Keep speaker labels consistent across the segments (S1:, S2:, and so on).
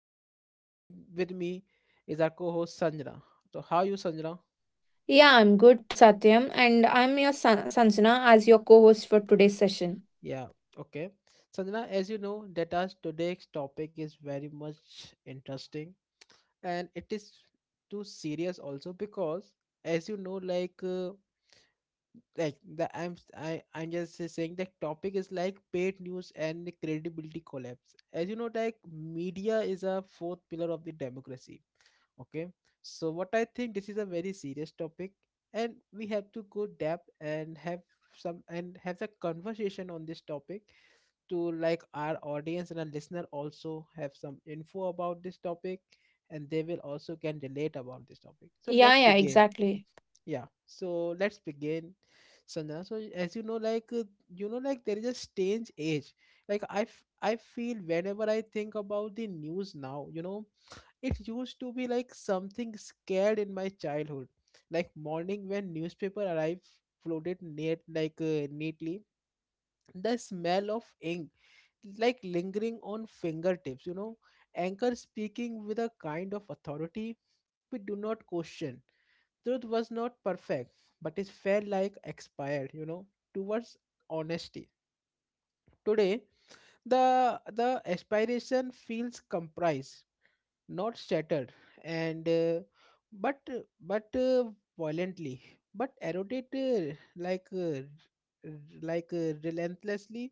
S1: Satyam and with me is our co-host Sanjana. So how you Sanjana?
S2: Yeah, I'm good, Satyam, and I'm your Sanjana as your co host for today's session.
S1: Yeah, okay. Sanjana, as you know that our today's topic is very much interesting and it is too serious also because as you know like the I'm s- I, I'm just saying the topic is like paid news and credibility collapse. As you know like media is a fourth pillar of the democracy. Okay, so what I think this is a very serious topic, and we have to go depth and have some and have the conversation on this topic to like our audience and our listener also have some info about this topic, and they will also can relate about this topic. So
S2: Yeah,
S1: let's
S2: yeah,
S1: begin.
S2: exactly.
S1: Yeah, so let's begin, Sanjana. So as you know, like there is a strange age. Like I feel whenever I think about the news now, you know, it used to be like something scared in my childhood. Like morning when newspaper arrived floated neat neatly, the smell of ink like lingering on fingertips, anchor speaking with a kind of authority we do not question. Truth was not perfect but it felt like expired, towards honesty. Today the aspiration feels comprised, not shattered, and but but violently, but eroded r- relentlessly.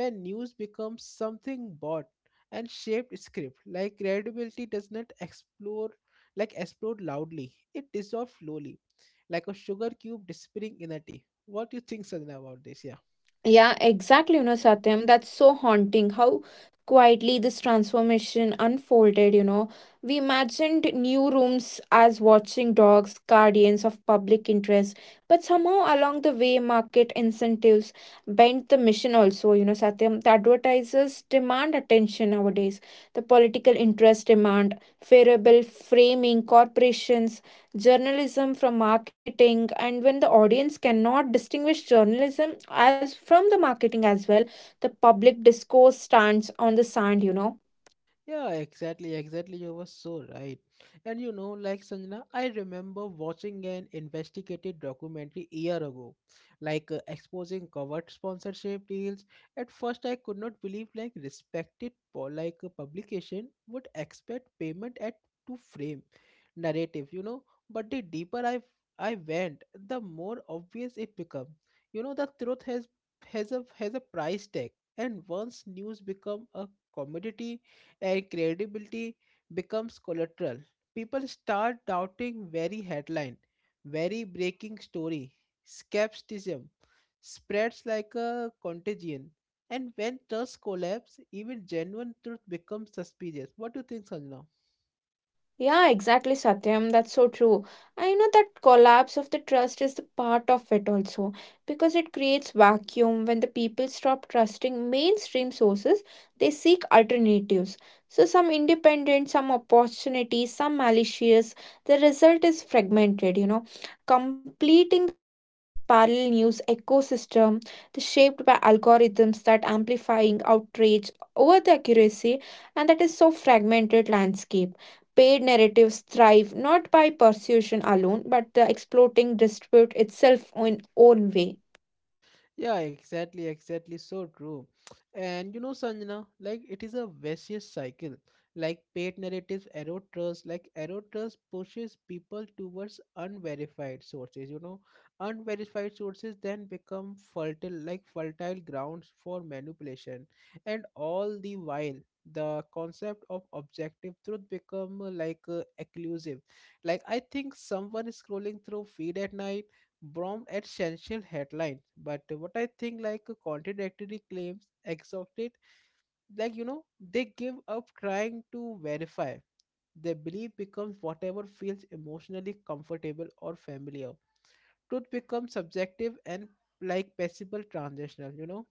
S1: When news becomes something bought and shaped script, like credibility does not explore, like explode loudly, it dissolves slowly, like a sugar cube disappearing in a tea. What do you think, Sanjana, about this? Yeah.
S2: Yeah, exactly, you know, Satyam. That's so haunting how quietly this transformation unfolded, you know. We imagined new rooms as watching dogs, guardians of public interest, but somehow along the way, market incentives bent the mission also, you know, Satyam. The advertisers demand attention nowadays, the political interests demand favorable framing, corporations journalism from marketing, and when the audience cannot distinguish journalism as from the marketing as well, the public discourse stands on the sand, you know.
S1: Yeah, exactly, exactly. You were so right. And you know, like Sanjana, I remember watching an investigative documentary a year ago, exposing covert sponsorship deals. At first, I could not believe like respected for like a publication would expect payment at to frame narrative, you know. But the deeper I went, the more obvious it became. You know, the truth has a price tag, and once news become a commodity and credibility becomes collateral. People start doubting very headline, very breaking story. Skepticism spreads like a contagion. And when trust collapses, even genuine truth becomes suspicious. What do you think, Sanjana?
S2: Yeah, exactly, Satyam. That's so true. I know that collapse of the trust is the part of it also, because it creates vacuum when the people stop trusting mainstream sources, they seek alternatives. So some independent, some opportunities, some malicious. The result is fragmented, you know, completing the truth's parallel news ecosystem, the shaped by algorithms that amplifying outrage over the accuracy, and that is so fragmented landscape. Paid narratives thrive not by persuasion alone, but exploiting dispute itself in own way.
S1: Yeah, exactly, exactly. So true. And you know, Sanjana, like it is a vicious cycle. Like paid narratives erode trust, like erode trust pushes people towards unverified sources, you know. Unverified sources then become fertile, like fertile grounds for manipulation. And all the while, the concept of objective truth become elusive. Like I think someone is scrolling through feed at night from essential headlines, but what I think like contradictory claims exhausted, like you know, they give up trying to verify. Their belief becomes whatever feels emotionally comfortable or familiar. Truth becomes subjective and like possible transitional, you know.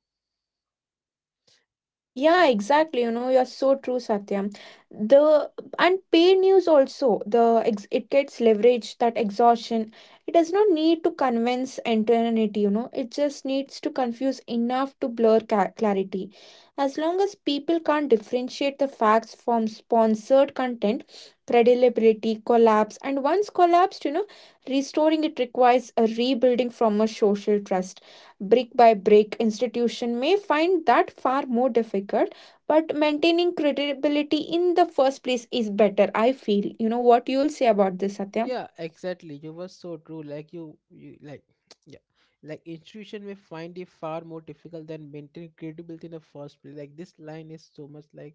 S2: Yeah, exactly. You know, you're so true, Satyam. The and paid news also, the ex it gets leverage, that exhaustion. It does not need to convince eternity, you know. It just needs to confuse enough to blur ca clarity. As long as people can't differentiate the facts from sponsored content, credibility collapse. And once collapsed, you know, restoring it requires a rebuilding from a social trust brick by brick, institution may find that far more difficult, but maintaining credibility in the first place is better, I feel, you know. What you'll say about this, Satyam?
S1: Yeah, exactly. You were so true. Like you like, yeah, like institution may find it far more difficult than maintaining credibility in the first place. Like this line is so much like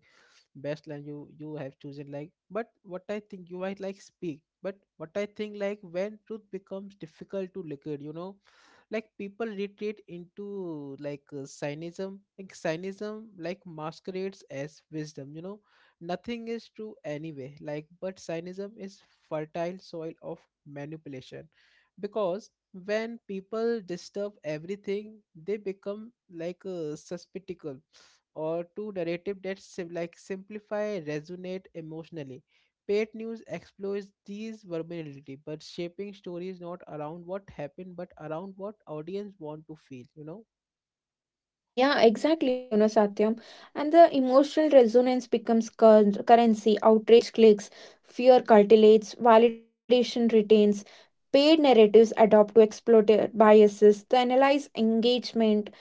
S1: best line you have chosen. Like, but what I think you might like speak. But what I think like when truth becomes difficult to liquid, you know, like people retreat into cynism, like cynism like masquerades as wisdom, you know, nothing is true anyway, like but cynism is fertile soil of manipulation, because when people disturb everything they become suspicious or two narrative that like simplify resonate emotionally. Paid news explores these vulnerability but shaping stories not around what happened but around what audience want to feel, you know.
S2: Yeah, exactly, you know, Satyam. And the emotional resonance becomes currency, outrage, clicks, fear cultivates validation retains. Paid narratives adopt to exploit biases to analyze engagement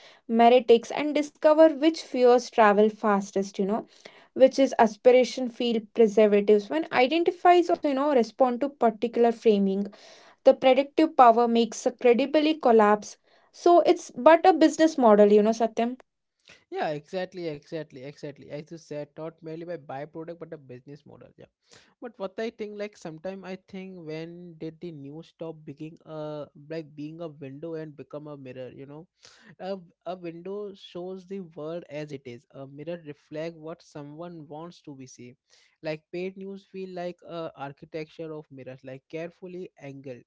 S2: meritics and discover which fears travel fastest, you know, which is aspiration field preservatives when identifies also, you know, respond to particular framing. The predictive power makes a credibly collapse. So it's but a business model, you know, Satyam.
S1: Yeah, exactly, exactly, exactly, as you said, not merely by byproduct but a business model. Yeah, but what I think like sometime I think, when did the news stop being a like being a window and become a mirror, you know? A, a window shows the world as it is. A mirror reflects what someone wants to be seen. Like paid news feel like a architecture of mirrors, like carefully angled,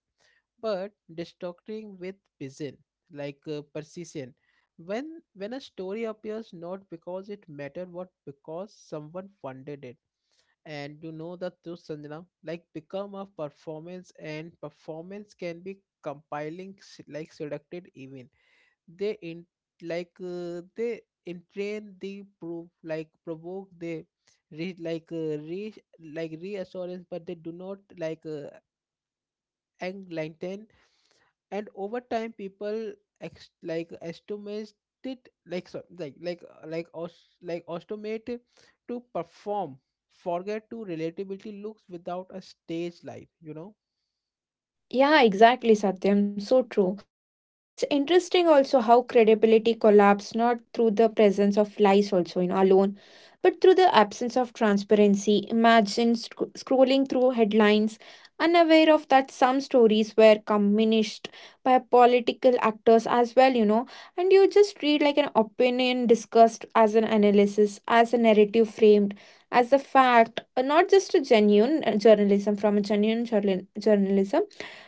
S1: but distorting with precision, precision. When a story appears not because it mattered, what because someone funded it. And you know the truth, Sanjana, like become a performance, and performance can be compiling like seductive even. They in they entrain the proof like provoke, they re like reassurance, but they do not enlighten. And over time people like estimate it like so like like automate to perform, forget to relatability looks without a stage light, you know.
S2: Yeah, exactly, Satyam. So true. You know, it's interesting also how credibility collapsed not through the presence of lies, also, you know, alone, but through the absence of transparency. Imagine scrolling through headlines, unaware of that some stories were communist by political actors as well, you know, and you just read like an opinion discussed as an analysis, as a narrative framed. As a fact, not just a genuine journalism from a genuine journalism,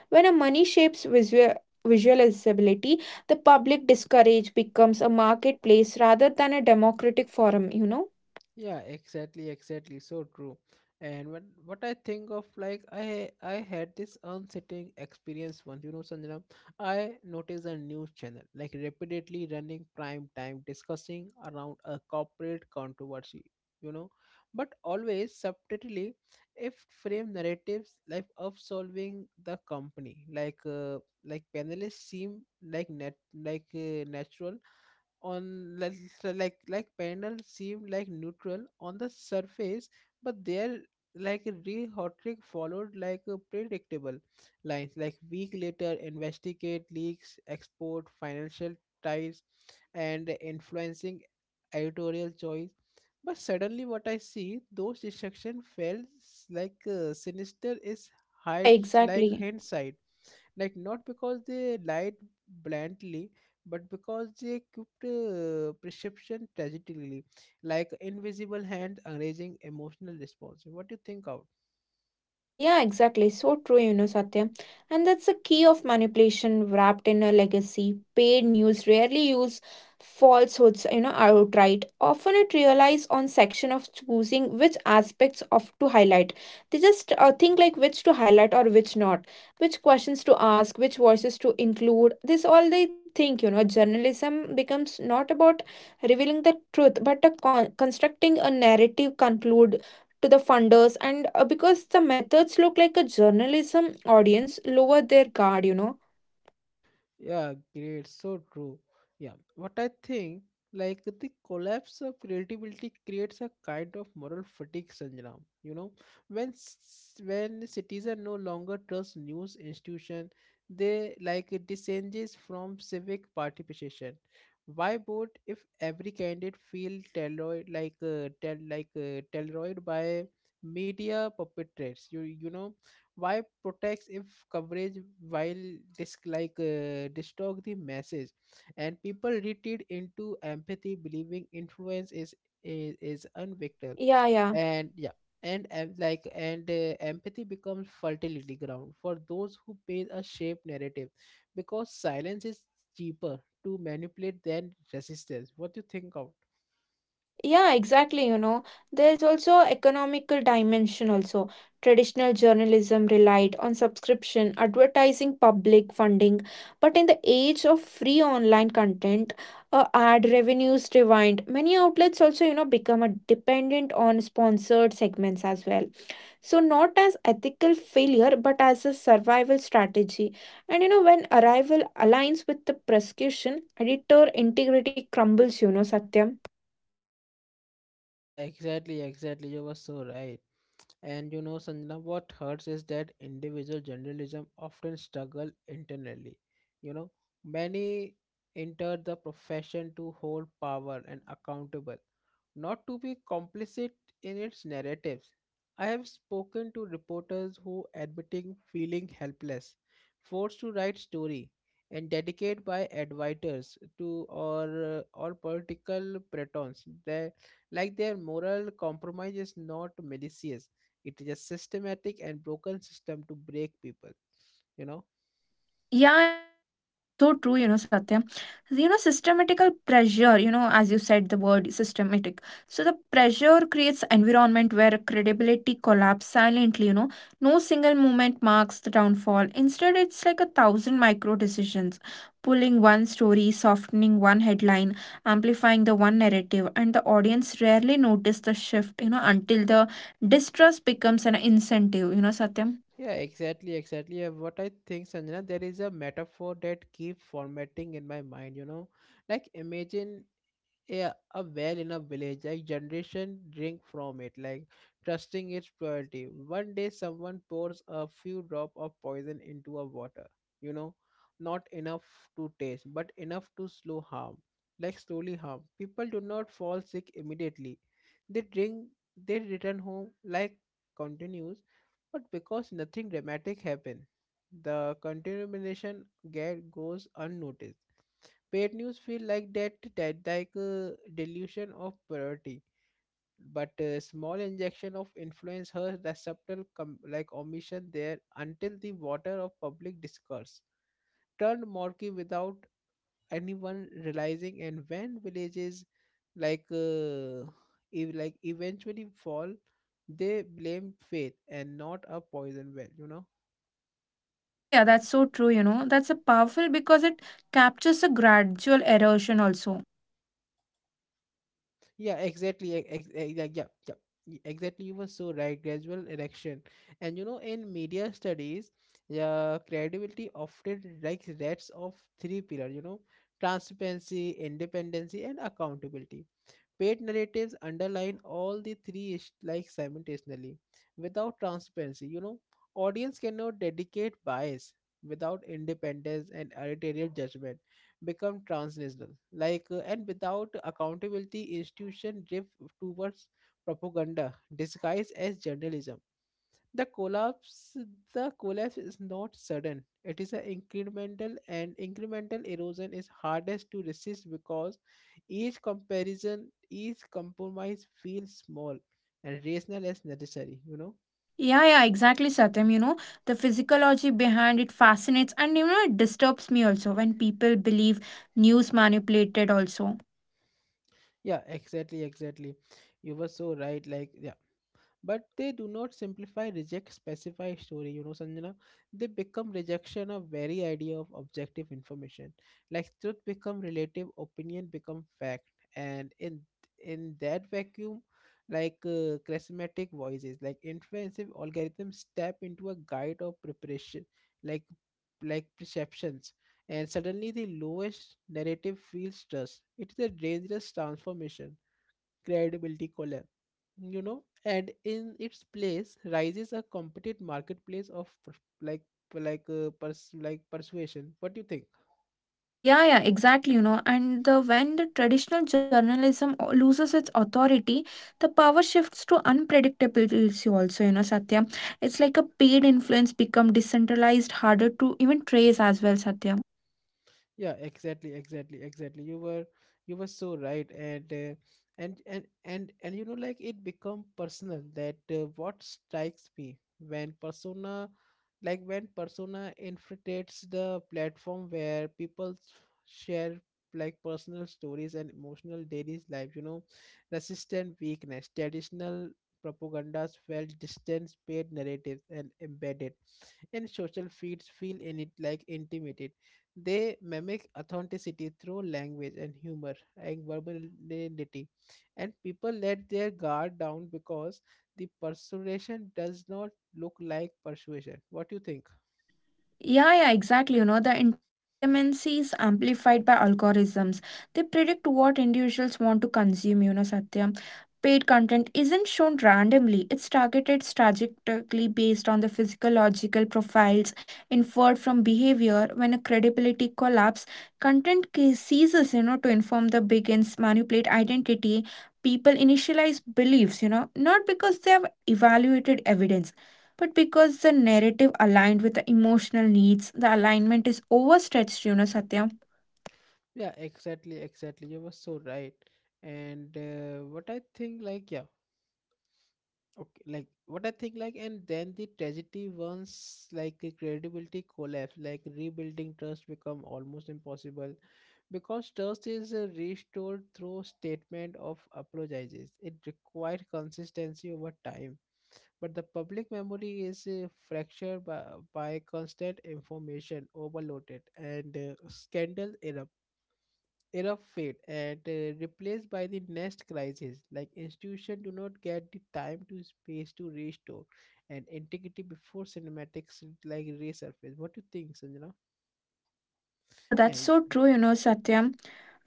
S2: when a money shapes visual visualizability, the public discourage becomes a marketplace rather than a democratic forum, you know?
S1: Yeah, exactly, exactly. So true. And when what I think of like I had this unsettling experience once, you know, Sanjana. I noticed a news channel like repeatedly running prime time discussing around a corporate controversy, you know, but always subtly if frame narratives like of solving the company, like panelists seem like net like natural on like so, like Pandal seemed like neutral on the surface, but their like re Hotrick followed like a predictable lines, like week later investigate leaks, export, financial ties and influencing editorial choice. But suddenly what I see those distractions felt sinister is
S2: Yeah,
S1: hide like
S2: exactly.
S1: hindsight, like not because they lied bluntly, but because they kept perception tragically, like invisible hand arranging emotional response. What do you think out?
S2: Yeah, exactly. So true, you know, Satya. And that's the key of manipulation wrapped in a legacy. Paid news rarely use falsehoods, you know, outright. Often it relies on section of choosing which aspects of to highlight. They just think like which to highlight or which not, which questions to ask, which voices to include. This all they think, you know. Journalism becomes not about revealing the truth, but a constructing a narrative conclude to the funders, and because the methods look like a journalism, audience lower their guard, you know.
S1: Yeah, great. So true. Yeah. What I think, like the collapse of creativity creates a kind of moral fatigue, Sanjana. You know, when citizens no longer trust news institution, they like it disengages from civic participation. Why vote if every candidate feel tailored like tell like tailored by media perpetrators? You know, why protects if coverage while this distort the message, and people retreat into empathy believing influence is unvictor
S2: Yeah,
S1: and yeah. And empathy becomes fertility ground for those who pay a shape narrative, because silence is cheaper to manipulate than resistance. What do you think of?
S2: yeah, exactly, you know. There's also economical dimension also. Traditional journalism relied on subscription advertising, public funding, but in the age of free online content, ad revenues rewind many outlets also, you know, become a dependent on sponsored segments as well. So, not as ethical failure, but as a survival strategy. And you know, when arrival aligns with the prescription, editor integrity crumbles, you know, Satyam.
S1: Yeah, exactly, exactly. You were so right. And you know, Sanjana, what hurts is that individual journalism often struggle internally. You know, many enter the profession to hold power and accountable, not to be complicit in its narratives. I have spoken to reporters who admitting feeling helpless, forced to write story, and dedicated by advisors to or political pretons. They like their moral compromise is not malicious. It is a systematic and broken system to break people, you know.
S2: Yeah, yeah, that's so true, you know, Satya. You know, systematical pressure, you know, as you said, the word systematic. So the pressure creates environment where credibility collapse silently, you know. No single moment marks the downfall. Instead, it's like a thousand micro decisions, pulling one story, softening one headline, amplifying the one narrative, and the audience rarely notice the shift, you know, until the distrust becomes an incentive, you know, Satya.
S1: Yeah, exactly, exactly. What I think, Sanjana, there is a metaphor that keep formatting in my mind, you know. Like imagine a well in a village, a generation drink from it like trusting its purity. One day someone pours a few drop of poison into a water, you know, not enough to taste but enough to slow harm, like slowly harm. People do not fall sick immediately. They drink, they return home like continues, but because nothing dramatic happened, the contamination get goes unnoticed. Paid news feel like that like a dilution of priority, but a small injection of influence hurts the subtle like omission there, until the water of public discourse turned murky without anyone realizing. And when villages like uh, like eventually fall, they blame faith and not a poison well, you know.
S2: Yeah, yeah, that's so true, you know. That's a powerful because it captures a gradual erosion also.
S1: Yes. Yeah, exactly. Yeah, yeah, yeah. Exactly, you were so right. Gradual erection, and you know, in media studies, yeah, credibility often like rests of three pillars. You know, transparency, independency, and accountability. Paid narratives underline all the three like simultaneously. Without transparency, you know, audience cannot dedicate bias. Without independence and editorial judgment become transnational and without accountability institution drift towards propaganda disguised as journalism. The collapse the collapse is not sudden, it is an incremental, and incremental erosion is hardest to resist because each comparison, each compromise feels small and rational as necessary, you know?
S2: Yeah, yeah, exactly, Satyam. You know, the physiology behind it fascinates, and you know it disturbs me also when people believe news manipulated also.
S1: Yeah, exactly, exactly. You were so right. Like, yeah, but they do not simplify reject specify story, you know, Sanjana. They become rejection of very idea of objective information, like truth become relative, opinion become fact. And in that vacuum charismatic voices like influensive algorithms step into a guide of preparation, like like perceptions, and suddenly the lowest narrative feels trust. It is a dangerous transformation. Credibility collapse, you know, and in its place rises a competitive marketplace of like persuasion. What do you think?
S2: Yeah, yeah, exactly, you know. And the when the traditional journalism loses its authority, the power shifts to unpredictability also, you know, Satyam. It's like a paid influence become decentralized, harder to even trace as well, Satyam.
S1: Yeah, exactly, exactly, exactly. You were so right, and and you know, like it become personal. That what strikes me when persona, like when persona infiltrates the platform where people share like personal stories and emotional daily life. You know, resistant weakness, traditional propagandas felt distant, paid narratives, and embedded and social feeds feel in it like intimated. They mimic authenticity through language and humor and verbality, and people let their guard down because the persuasion does not look like persuasion. What do you think?
S2: Yeah, yeah, exactly. You know, the intimacy is amplified by algorithms. They predict what individuals want to consume, you know, Satya. Paid content isn't shown randomly, it's targeted strategically based on the physiological profiles inferred from behavior. When a credibility collapse, content ceases, you know, to inform the begins, manipulate identity. People initialize beliefs, you know, not because they have evaluated evidence but because the narrative aligned with the emotional needs, the alignment is overstretched, you know, Satya.
S1: Yeah, exactly, exactly. You were so right. And what I think, like, yeah, okay, like what I think, like, and then the tragedy once, like, the credibility collapse, like rebuilding trust become almost impossible because trust is restored through statement of apologies, it requires consistency over time, but the public memory is fractured by constant information overloaded, and scandal erupt fade and replaced by the next crisis, like institution do not get the time to space to restore and integrity before cinematics like resurface. What do you think, Sanjana?
S2: Yeah, that's
S1: And
S2: so
S1: yeah.
S2: true, you know, Satyam.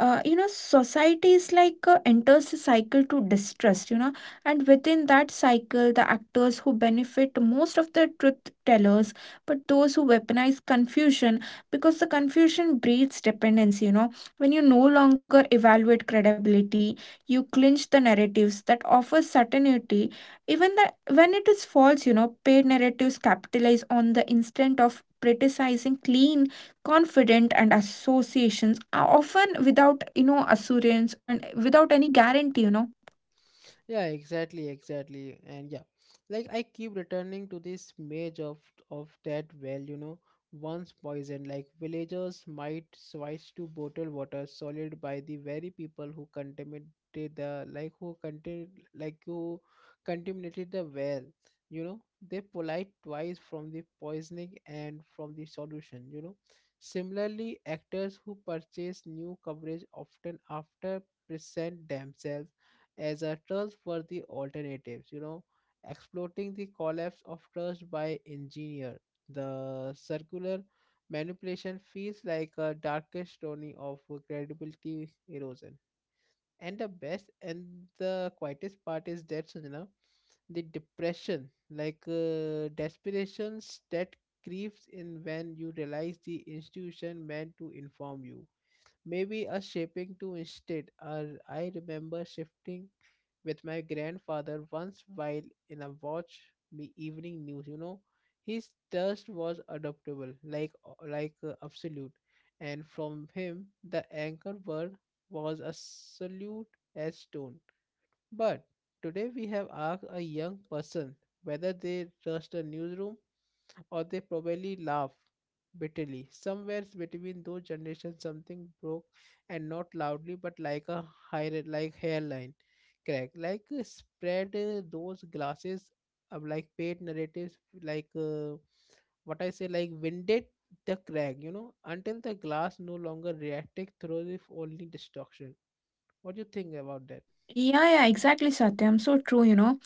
S2: You know, society is like enters a cycle to distrust, you know, and within that cycle, the actors who benefit most of the truth tellers, but those who weaponize confusion because the confusion breeds dependency, you know. When you no longer evaluate credibility, you clinch the narratives that offer certainty, even that when it is false, you know. Paid narratives capitalize on the instant of criticizing clean, confident, and associations are often without, you know, assurance and without any guarantee, you know.
S1: Yeah, exactly, exactly, and yeah, like I keep returning to this image of that well, you know, once poisoned, like villagers might switch to bottled water solid by the very people who contaminated the like who contain like who contaminated the well, you know, they polite twice from the poisoning and from the solution, you know. Similarly, actors who purchase new coverage often after present themselves as a trust for the alternatives, you know, exploiting the collapse of trust by engineer. The circular manipulation feels like a darkest story of credibility erosion. And the best and the quietest part is that, Sanjana, the depression, like desperations that creeps in when you realize the institution meant to inform you. Maybe a shaping to instead, or I remember shifting with my grandfather once while in a watch me evening news, you know, his thirst was adaptable like absolute, and from him the anchor word was a salute as stone, but today we have asked a young person whether they trust a newsroom or they probably laugh bitterly. Somewhere between those generations, something broke, and not loudly, but like a hairline crack, like spread those glasses of like paid narratives, like what I say, like winded the crack, you know, until the glass no longer reacted through if only destruction. What do you think about that?
S2: Yeah, yeah, exactly, Satyam. So true, you know.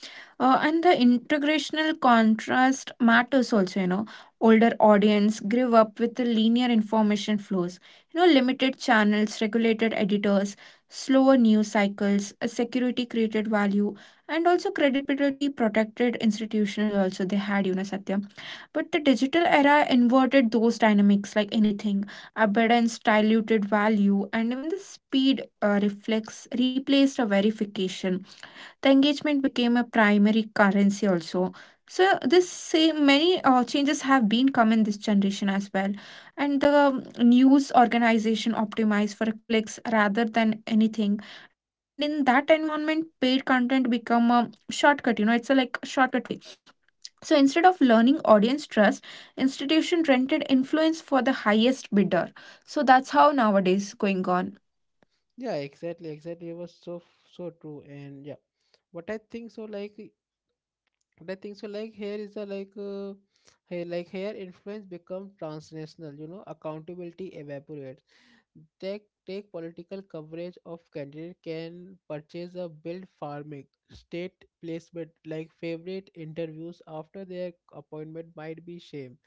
S2: And the integrational contrast matters also, you know. Older audience grew up with the linear information flows, you know, limited channels, regulated editors, slower news cycles. A security created value, and also credibility protected institutional also they had, you know, Satyam. But the digital era inverted those dynamics like anything. Abundance diluted value, and even the speed reflex replaced a verification. The engagement became a primary currency also. So this same many changes have been come in this generation as well, and the news organization optimized for clicks rather than anything. And in that environment, paid content become a shortcut. You know, it's a like shortcut way, so instead of learning audience trust, institution rented influence for the highest bidder. So that's how nowadays going on.
S1: Yeah, exactly, exactly. It was so true, and yeah, what I think so like. And I think so. Like here is a like, hey, like here influence become transnational. You know, accountability evaporates. Take political coverage of candidate can purchase a build farming state placement, like favorite interviews after their appointment might be shame,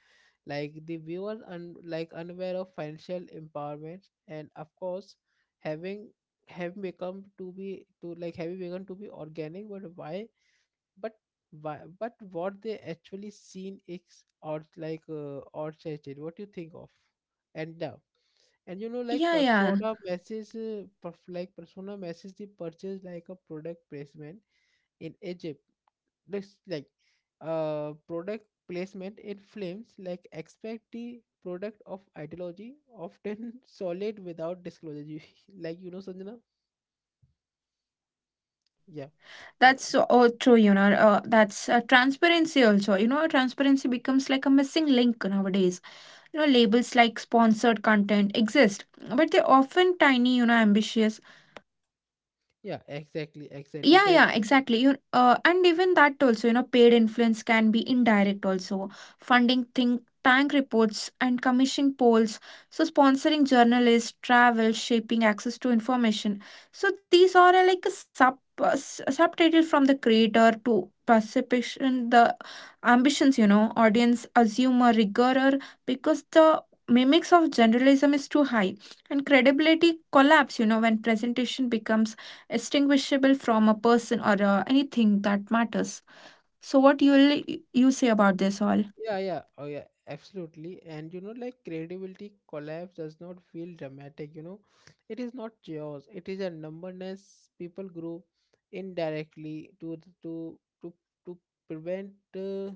S1: like the viewers unaware of financial empowerment, and of course having have become to be to like have begun to be organic, but why, but why, but what they actually seen is or like or tested what you think of. And now, and you know, like
S2: Yeah, yeah,
S1: persona message persona message, they purchase like a product placement in Egypt looks like product placement in films, like expect the product of ideology often solid without disclosure you, like you know, Sanjana.
S2: yeah.
S1: Yeah, uh,
S2: That's so oh, true, you know. That's transparency also. You know, transparency becomes like a missing link nowadays. You know, labels like sponsored content exist, but they're often tiny, you know, ambitious.
S1: yeah, exactly,
S2: And
S1: exactly
S2: yeah,
S1: that.
S2: yeah, exactly. You and even that also, you know, paid influence can be indirect also. Funding think tank reports and commissioning polls, so sponsoring journalists, travel, shaping access to information. So these are like a subtitle from the creator to perception, the ambitions. You know, audience assume a rigor because the mimics of generalism is too high, and credibility collapse, you know, when presentation becomes distinguishable from a person or anything that matters. So, what you say about this all?
S1: Yeah, yeah. Oh, yeah, absolutely. And you know, like credibility collapse does not feel dramatic, you know. It is not chaos. It is a numberness people grow indirectly to prevent, uh,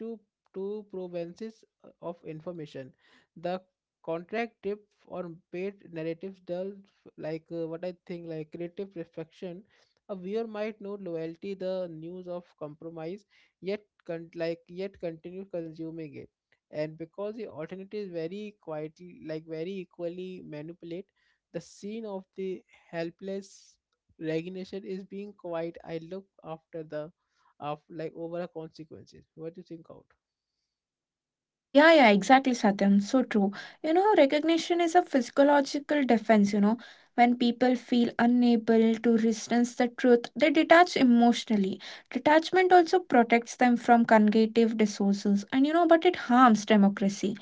S1: to to provenances of information. The contract tip or paid narratives dull like what I think like creative reflection. A viewer might know loyalty, the news of compromise, yet continue consuming it, and because the alternatives very quietly like very equally manipulate the scene of the helpless resignation is being quite I look after the of like overall consequences. What do you think out?
S2: Yeah, yeah, exactly, Satyam. So true. You know, recognition is a physiological defense, you know. When people feel unable to resist the truth, they detach emotionally. Detachment also protects them from cognitive dissonance, and you know, but it harms democracy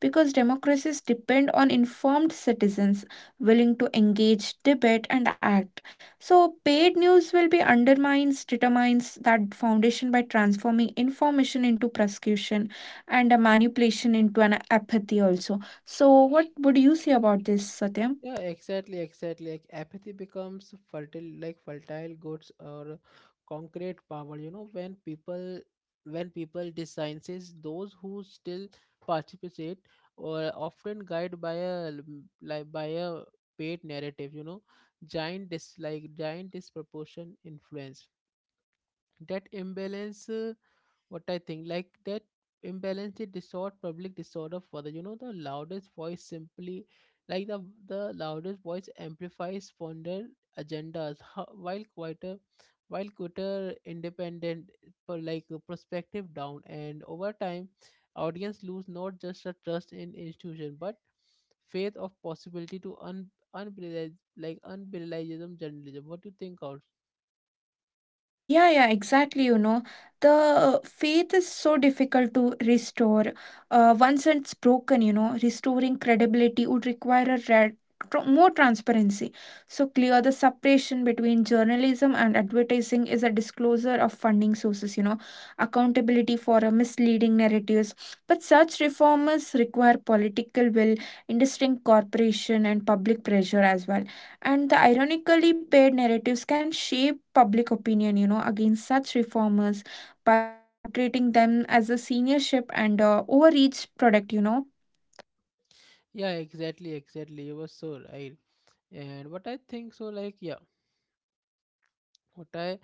S2: because democracies depend on informed citizens willing to engage, debate, and act. So, paid news will be undermines, determines that foundation by transforming information into prosecution and a manipulation into an apathy also. So, what would you say about this, Satya?
S1: Yeah, exactly, exactly. Like apathy becomes fertile, like fertile goods or concrete power. You know, when people designs those who still participate or often guided by a l- like by a paid narrative. You know, giant dis like giant disproportion influence, that imbalance what I think like that imbalance, it distort public disorder further, you know, the loudest voice simply, like the loudest voice amplifies fonder agendas, while quieter independent perspective down, and over time audience lose not just a trust in institution but faith of possibility to un unbelievable like unbelievable journalism. What do you think out?
S2: Yeah, yeah, exactly. You know, the faith is so difficult to restore. Once it's broken, you know, restoring credibility would require a more transparency. So, clear the separation between journalism and advertising is a disclosure of funding sources, you know, accountability for misleading narratives. But such reformers require political will, indistinct corporation, and public pressure as well. And the ironically paid narratives can shape public opinion, you know, against such reformers by portraying them as a seniorship and overreach product, you know.
S1: Yeah, exactly, exactly. You were so right. And what I think so like, yeah, what I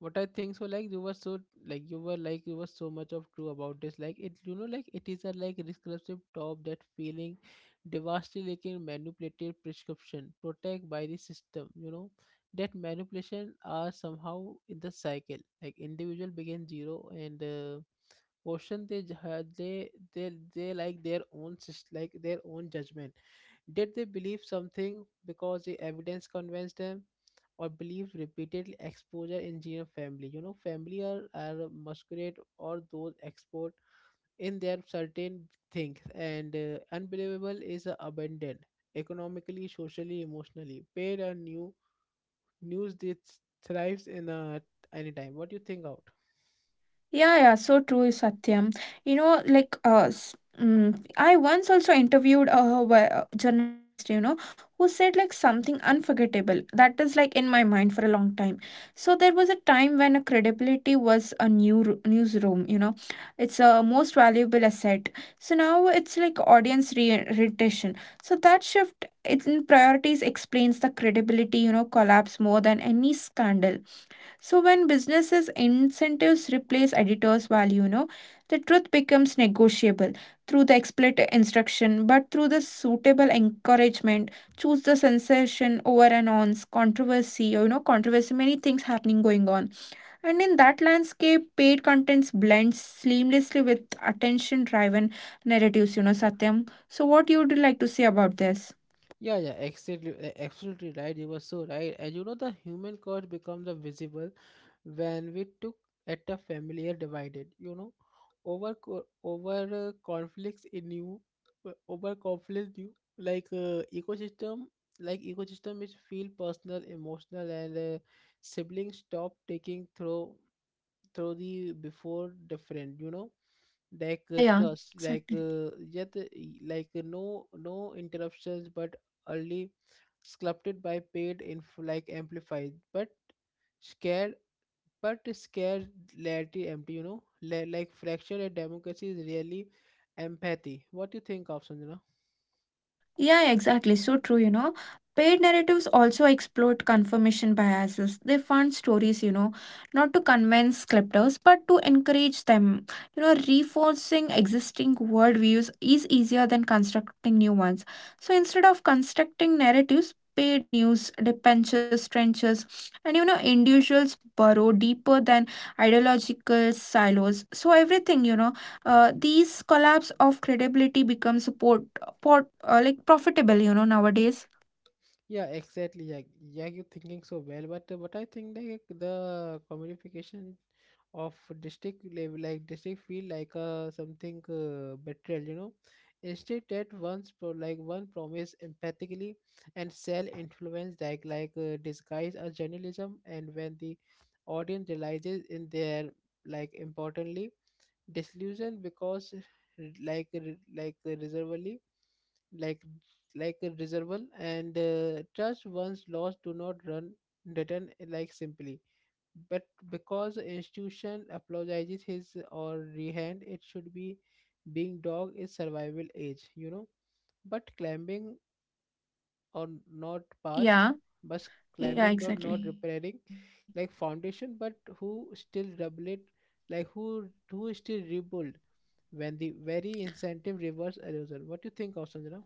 S1: what I think so like, you were so like, you were so much of true about this. Like it, you know, like it is a like recursive top that feeling devastating manipulated prescription protect by the system, you know. That manipulation are somehow in the cycle. Like individual begin zero and question, they ju- had they like their own judgment, did they believe something because the evidence convinced them, or believe repeated exposure in gene family? You know, family are masquerade or those export in their certain things, and unbelievable is abandoned economically, socially, emotionally. Paid and new news that thrives in a any time. What do you think out?
S2: Yeah, yeah, so true, Satyam. You know, like I once also interviewed a journalist, you know, who said like something unforgettable that is like in my mind for a long time. So there was a time when a credibility was a newsroom, you know, it's a most valuable asset. So now it's like audience retention. So that shift in priorities explains the credibility, you know, collapse more than any scandal. So when businesses incentives replace editors' value, you know, the truth becomes negotiable through the explicit instruction, but through the suitable encouragement, choose the sensation over and ons, controversy, you know, controversy, many things happening going on. And in that landscape, paid contents blends seamlessly with attention driven narratives, you know, Satyam. So what you would like to say about this?
S1: Yeah, yeah, exactly, absolutely right. You were so right. And you know, the human cost becomes a visible when we took at a familiar divided. You know, over co- over uh, conflicts in you, over conflicts you, like ecosystem is feel personal, emotional, and siblings stop taking through the before different, you know, like
S2: Yeah, yeah,
S1: trust like
S2: exactly.
S1: yet like no no interruptions but only sculpted by paid inf like amplified but scared, but scared laity empty, you know. Fracture a democracy is really empathy. What do you think of, Sanjana?
S2: Yeah, exactly. So true, you know. Paid narratives also exploit confirmation biases. They fund stories, you know, not to convince scripters, but to encourage them. You know, reinforcing existing worldviews is easier than constructing new ones. So instead of constructing narratives, paid news, dependents, trenches, and you know, individuals burrow deeper than ideological silos. So everything, you know, these collapse of credibility becomes support pot, like profitable, you know, nowadays.
S1: Yeah, exactly, yeah, yeah, you're thinking so well, but what I think like the commodification of district feel like something betrayal, you know, instead that once one promise empathically and sell influence like disguise as journalism, and when the audience realizes in their like importantly disillusion because like re- like reservedly like like a reservoir, and trust once lost do not run return like simply, but because institution apologizes his or rehand it should be being dog is survival age, you know, but climbing or not past,
S2: Yeah,
S1: but
S2: yeah,
S1: climbing or not
S2: exactly.
S1: repairing like foundation, but who still double it, like who still rebuild when the very incentive reverse erosion. What do you think of, Sanjana?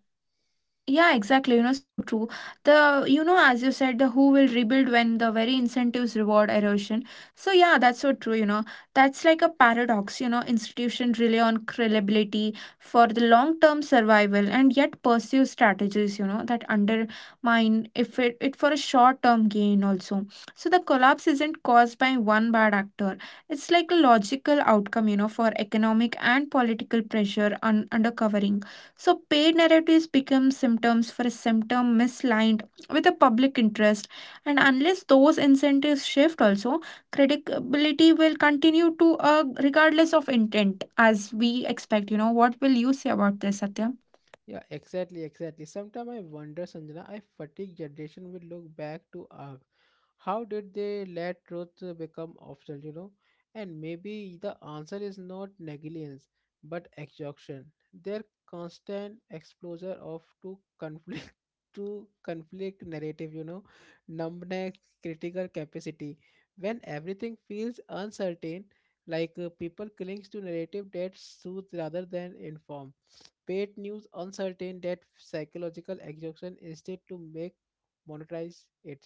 S2: Yeah, exactly. You know, so true. The, you know, as you said, the who will rebuild when the very incentives reward erosion. So, yeah, that's so true. You know, that's like a paradox. You know, institutions rely on credibility for the long term survival and yet pursue strategies, you know, that undermine if it, it for a short term gain also. So, the collapse isn't caused by one bad actor, it's like a logical outcome, you know, for economic and political pressure undercovering. So paid narratives become symptoms for a symptom misaligned with the public interest, and unless those incentives shift, also credibility will continue to regardless of intent, as we expect. You know, what will you say about this, Satya?
S1: Yeah, exactly, exactly. Sometimes I wonder, Sanjana, if fatigue generation will look back to ask, how did they let truth become optional, you know? And maybe the answer is not negligence, but exhaustion. Their constant exposure of to conflict, to conflict narrative, you know, numbness, critical capacity. When everything feels uncertain, like people clings to narrative that soothes rather than inform. Paid news uncertain that psychological exhaustion instead to make monetize it.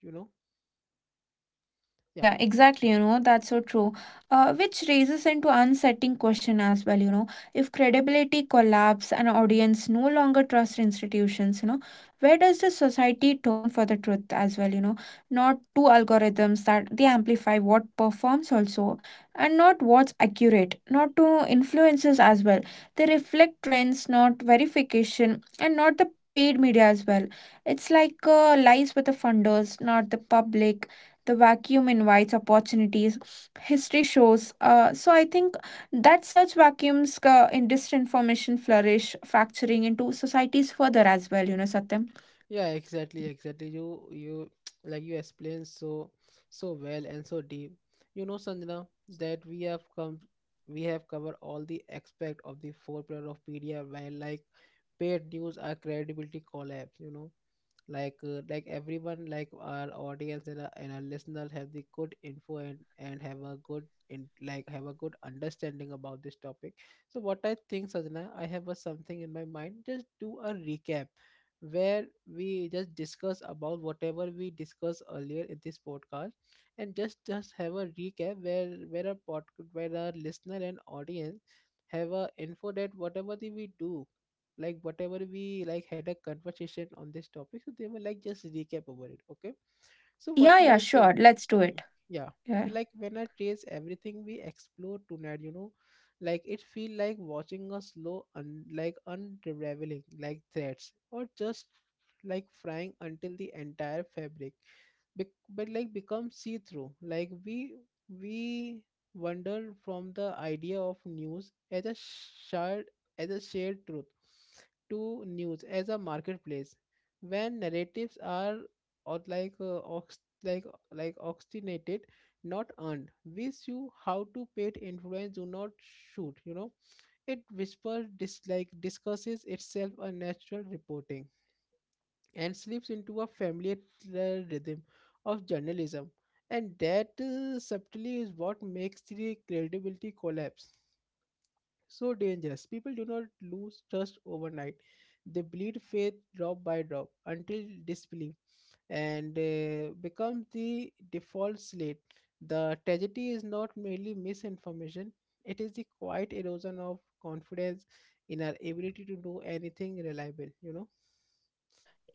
S1: You know?
S2: Yeah,
S1: Yeah.
S2: yeah, exactly. You know, that's so true. Which raises into unsettling question as well, you know, if credibility collapse and audience no longer trust institutions, you know, where does the society turn for the truth as well, you know, not to algorithms that they amplify what performs also and not what's accurate, not to influencers as well. They reflect trends, not verification, and not the paid media as well. It's like lies with the funders, not the public. The vacuum invites opportunities. History shows so I think that such vacuums in disinformation flourish, fracturing into societies further as well, you know, Satyam.
S1: Yeah, exactly, exactly. You like you explained so so well and so deep. You know, Sanjana, that we have come, we have covered all the aspect of the four pillar of media where like paid news are credibility collapse, you know, like everyone, like our audience and our listener have the good info and have a good in like have a good understanding about this topic. So what I think, Sajana, I have a something in my mind, just do a recap where we just discuss about whatever we discussed earlier in this podcast, and just have a recap where our pod, where our listener and audience have a info that whatever the we do, like whatever we like had a conversation on this topic, so they were like just recap over it. Okay, so what
S2: Yeah, yeah,
S1: like
S2: sure, let's do it.
S1: y- yeah,
S2: Yeah.
S1: like when I trace everything we explore tonight, you know, like it feel like watching a slow unraveling like threads or just like frying until the entire fabric bec become see through. Like we wander from the idea of news as a shared truth to news as a marketplace when narratives are or like like obstinated not earned. We see how to paid influence do not shoot, you know, it whispers, discusses itself a natural reporting and slips into a familiar rhythm of journalism. And that subtly is what makes the credibility collapse so dangerous. People do not lose trust overnight, they bleed faith drop by drop until disbelief and becomes the default slate. The tragedy is not merely misinformation, it is the quiet erosion of confidence in our ability to do anything reliable, you know.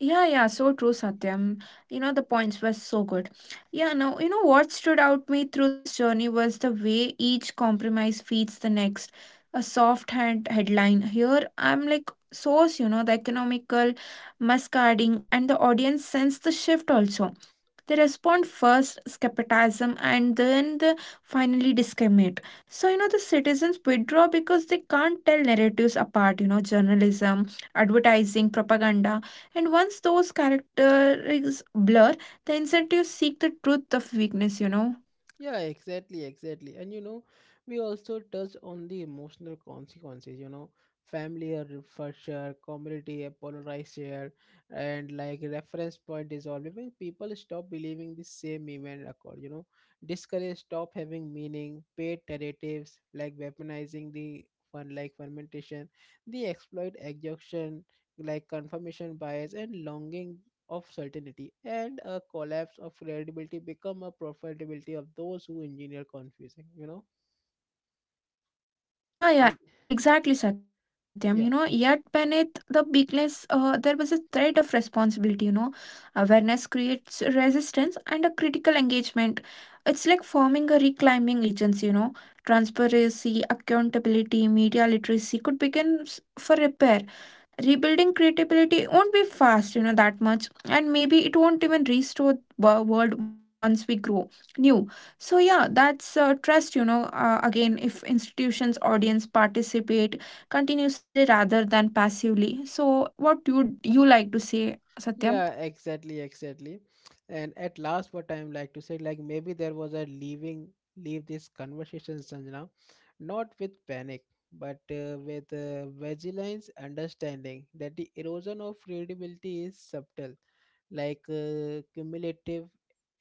S2: Yeah, yeah, so true, Satyam. You know, the points were so good. Yeah, now, you know what stood out me through this journey was the way each compromise feeds the next. A soft hand headline here. I'm like source, you know, the economical muscarding, and the audience sense the shift also. They respond first skepticism and then the finally discriminate. So, you know, the citizens withdraw because they can't tell narratives apart, you know, journalism, advertising, propaganda, and once those characteristics blur, the incentives seek the truth of weakness, you know.
S1: Yeah, exactly, exactly. And you know, we also touch on the emotional consequences, you know, family or for sure, community, a polarized share, and like reference point is always when people stop believing the same event occurred, you know, discourage stop having meaning, paid narratives like weaponizing the one like fermentation, the exploit exhaustion, like confirmation bias and longing of certainty, and a collapse of credibility become a profitability of those who engineer confusing, you know,
S2: Yeah,
S1: and
S2: yeah, exactly, Satyam. You know, yet
S1: yeah.
S2: beneath the weakness, there was a thread of responsibility, you know. Awareness creates resistance and a critical engagement. It's like forming a reclaiming agency, you know. Transparency, accountability, media literacy could begin for repair. Rebuilding creativity won't be fast, you know, that much, and maybe it won't even restore the world once we grow new. So yeah, that's trust, you know, again, if institutions audience participate continuously rather than passively. So what would you like to say, Satya?
S1: Yeah, exactly, exactly. And at last, what I'm like to say, like maybe there was a leaving, leave this conversation, Sanjana, not with panic, but with vigilance, understanding that the erosion of credibility is subtle, like cumulative,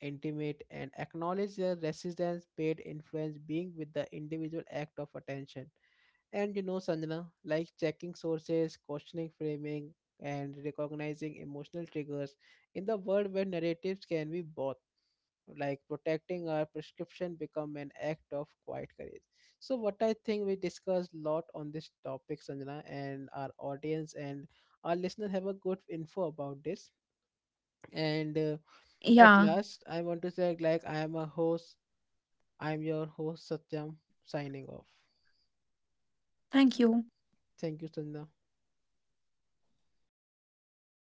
S1: intimate, and acknowledge the resistance, paid influence being with the individual act of attention. And you know, Sanjana, like checking sources, questioning framing, and recognizing emotional triggers in the world where narratives can be bought, like protecting our prescription become an act of quiet courage. So what I think, we discussed a lot on this topic, Sanjana, and our audience and our listener have a good info about this. And at
S2: Yeah,
S1: last, I want to say like I am a host. I'm your host,
S2: yeah,
S1: Satyam, signing off.
S2: thank you.
S1: Thank you, Sanjana.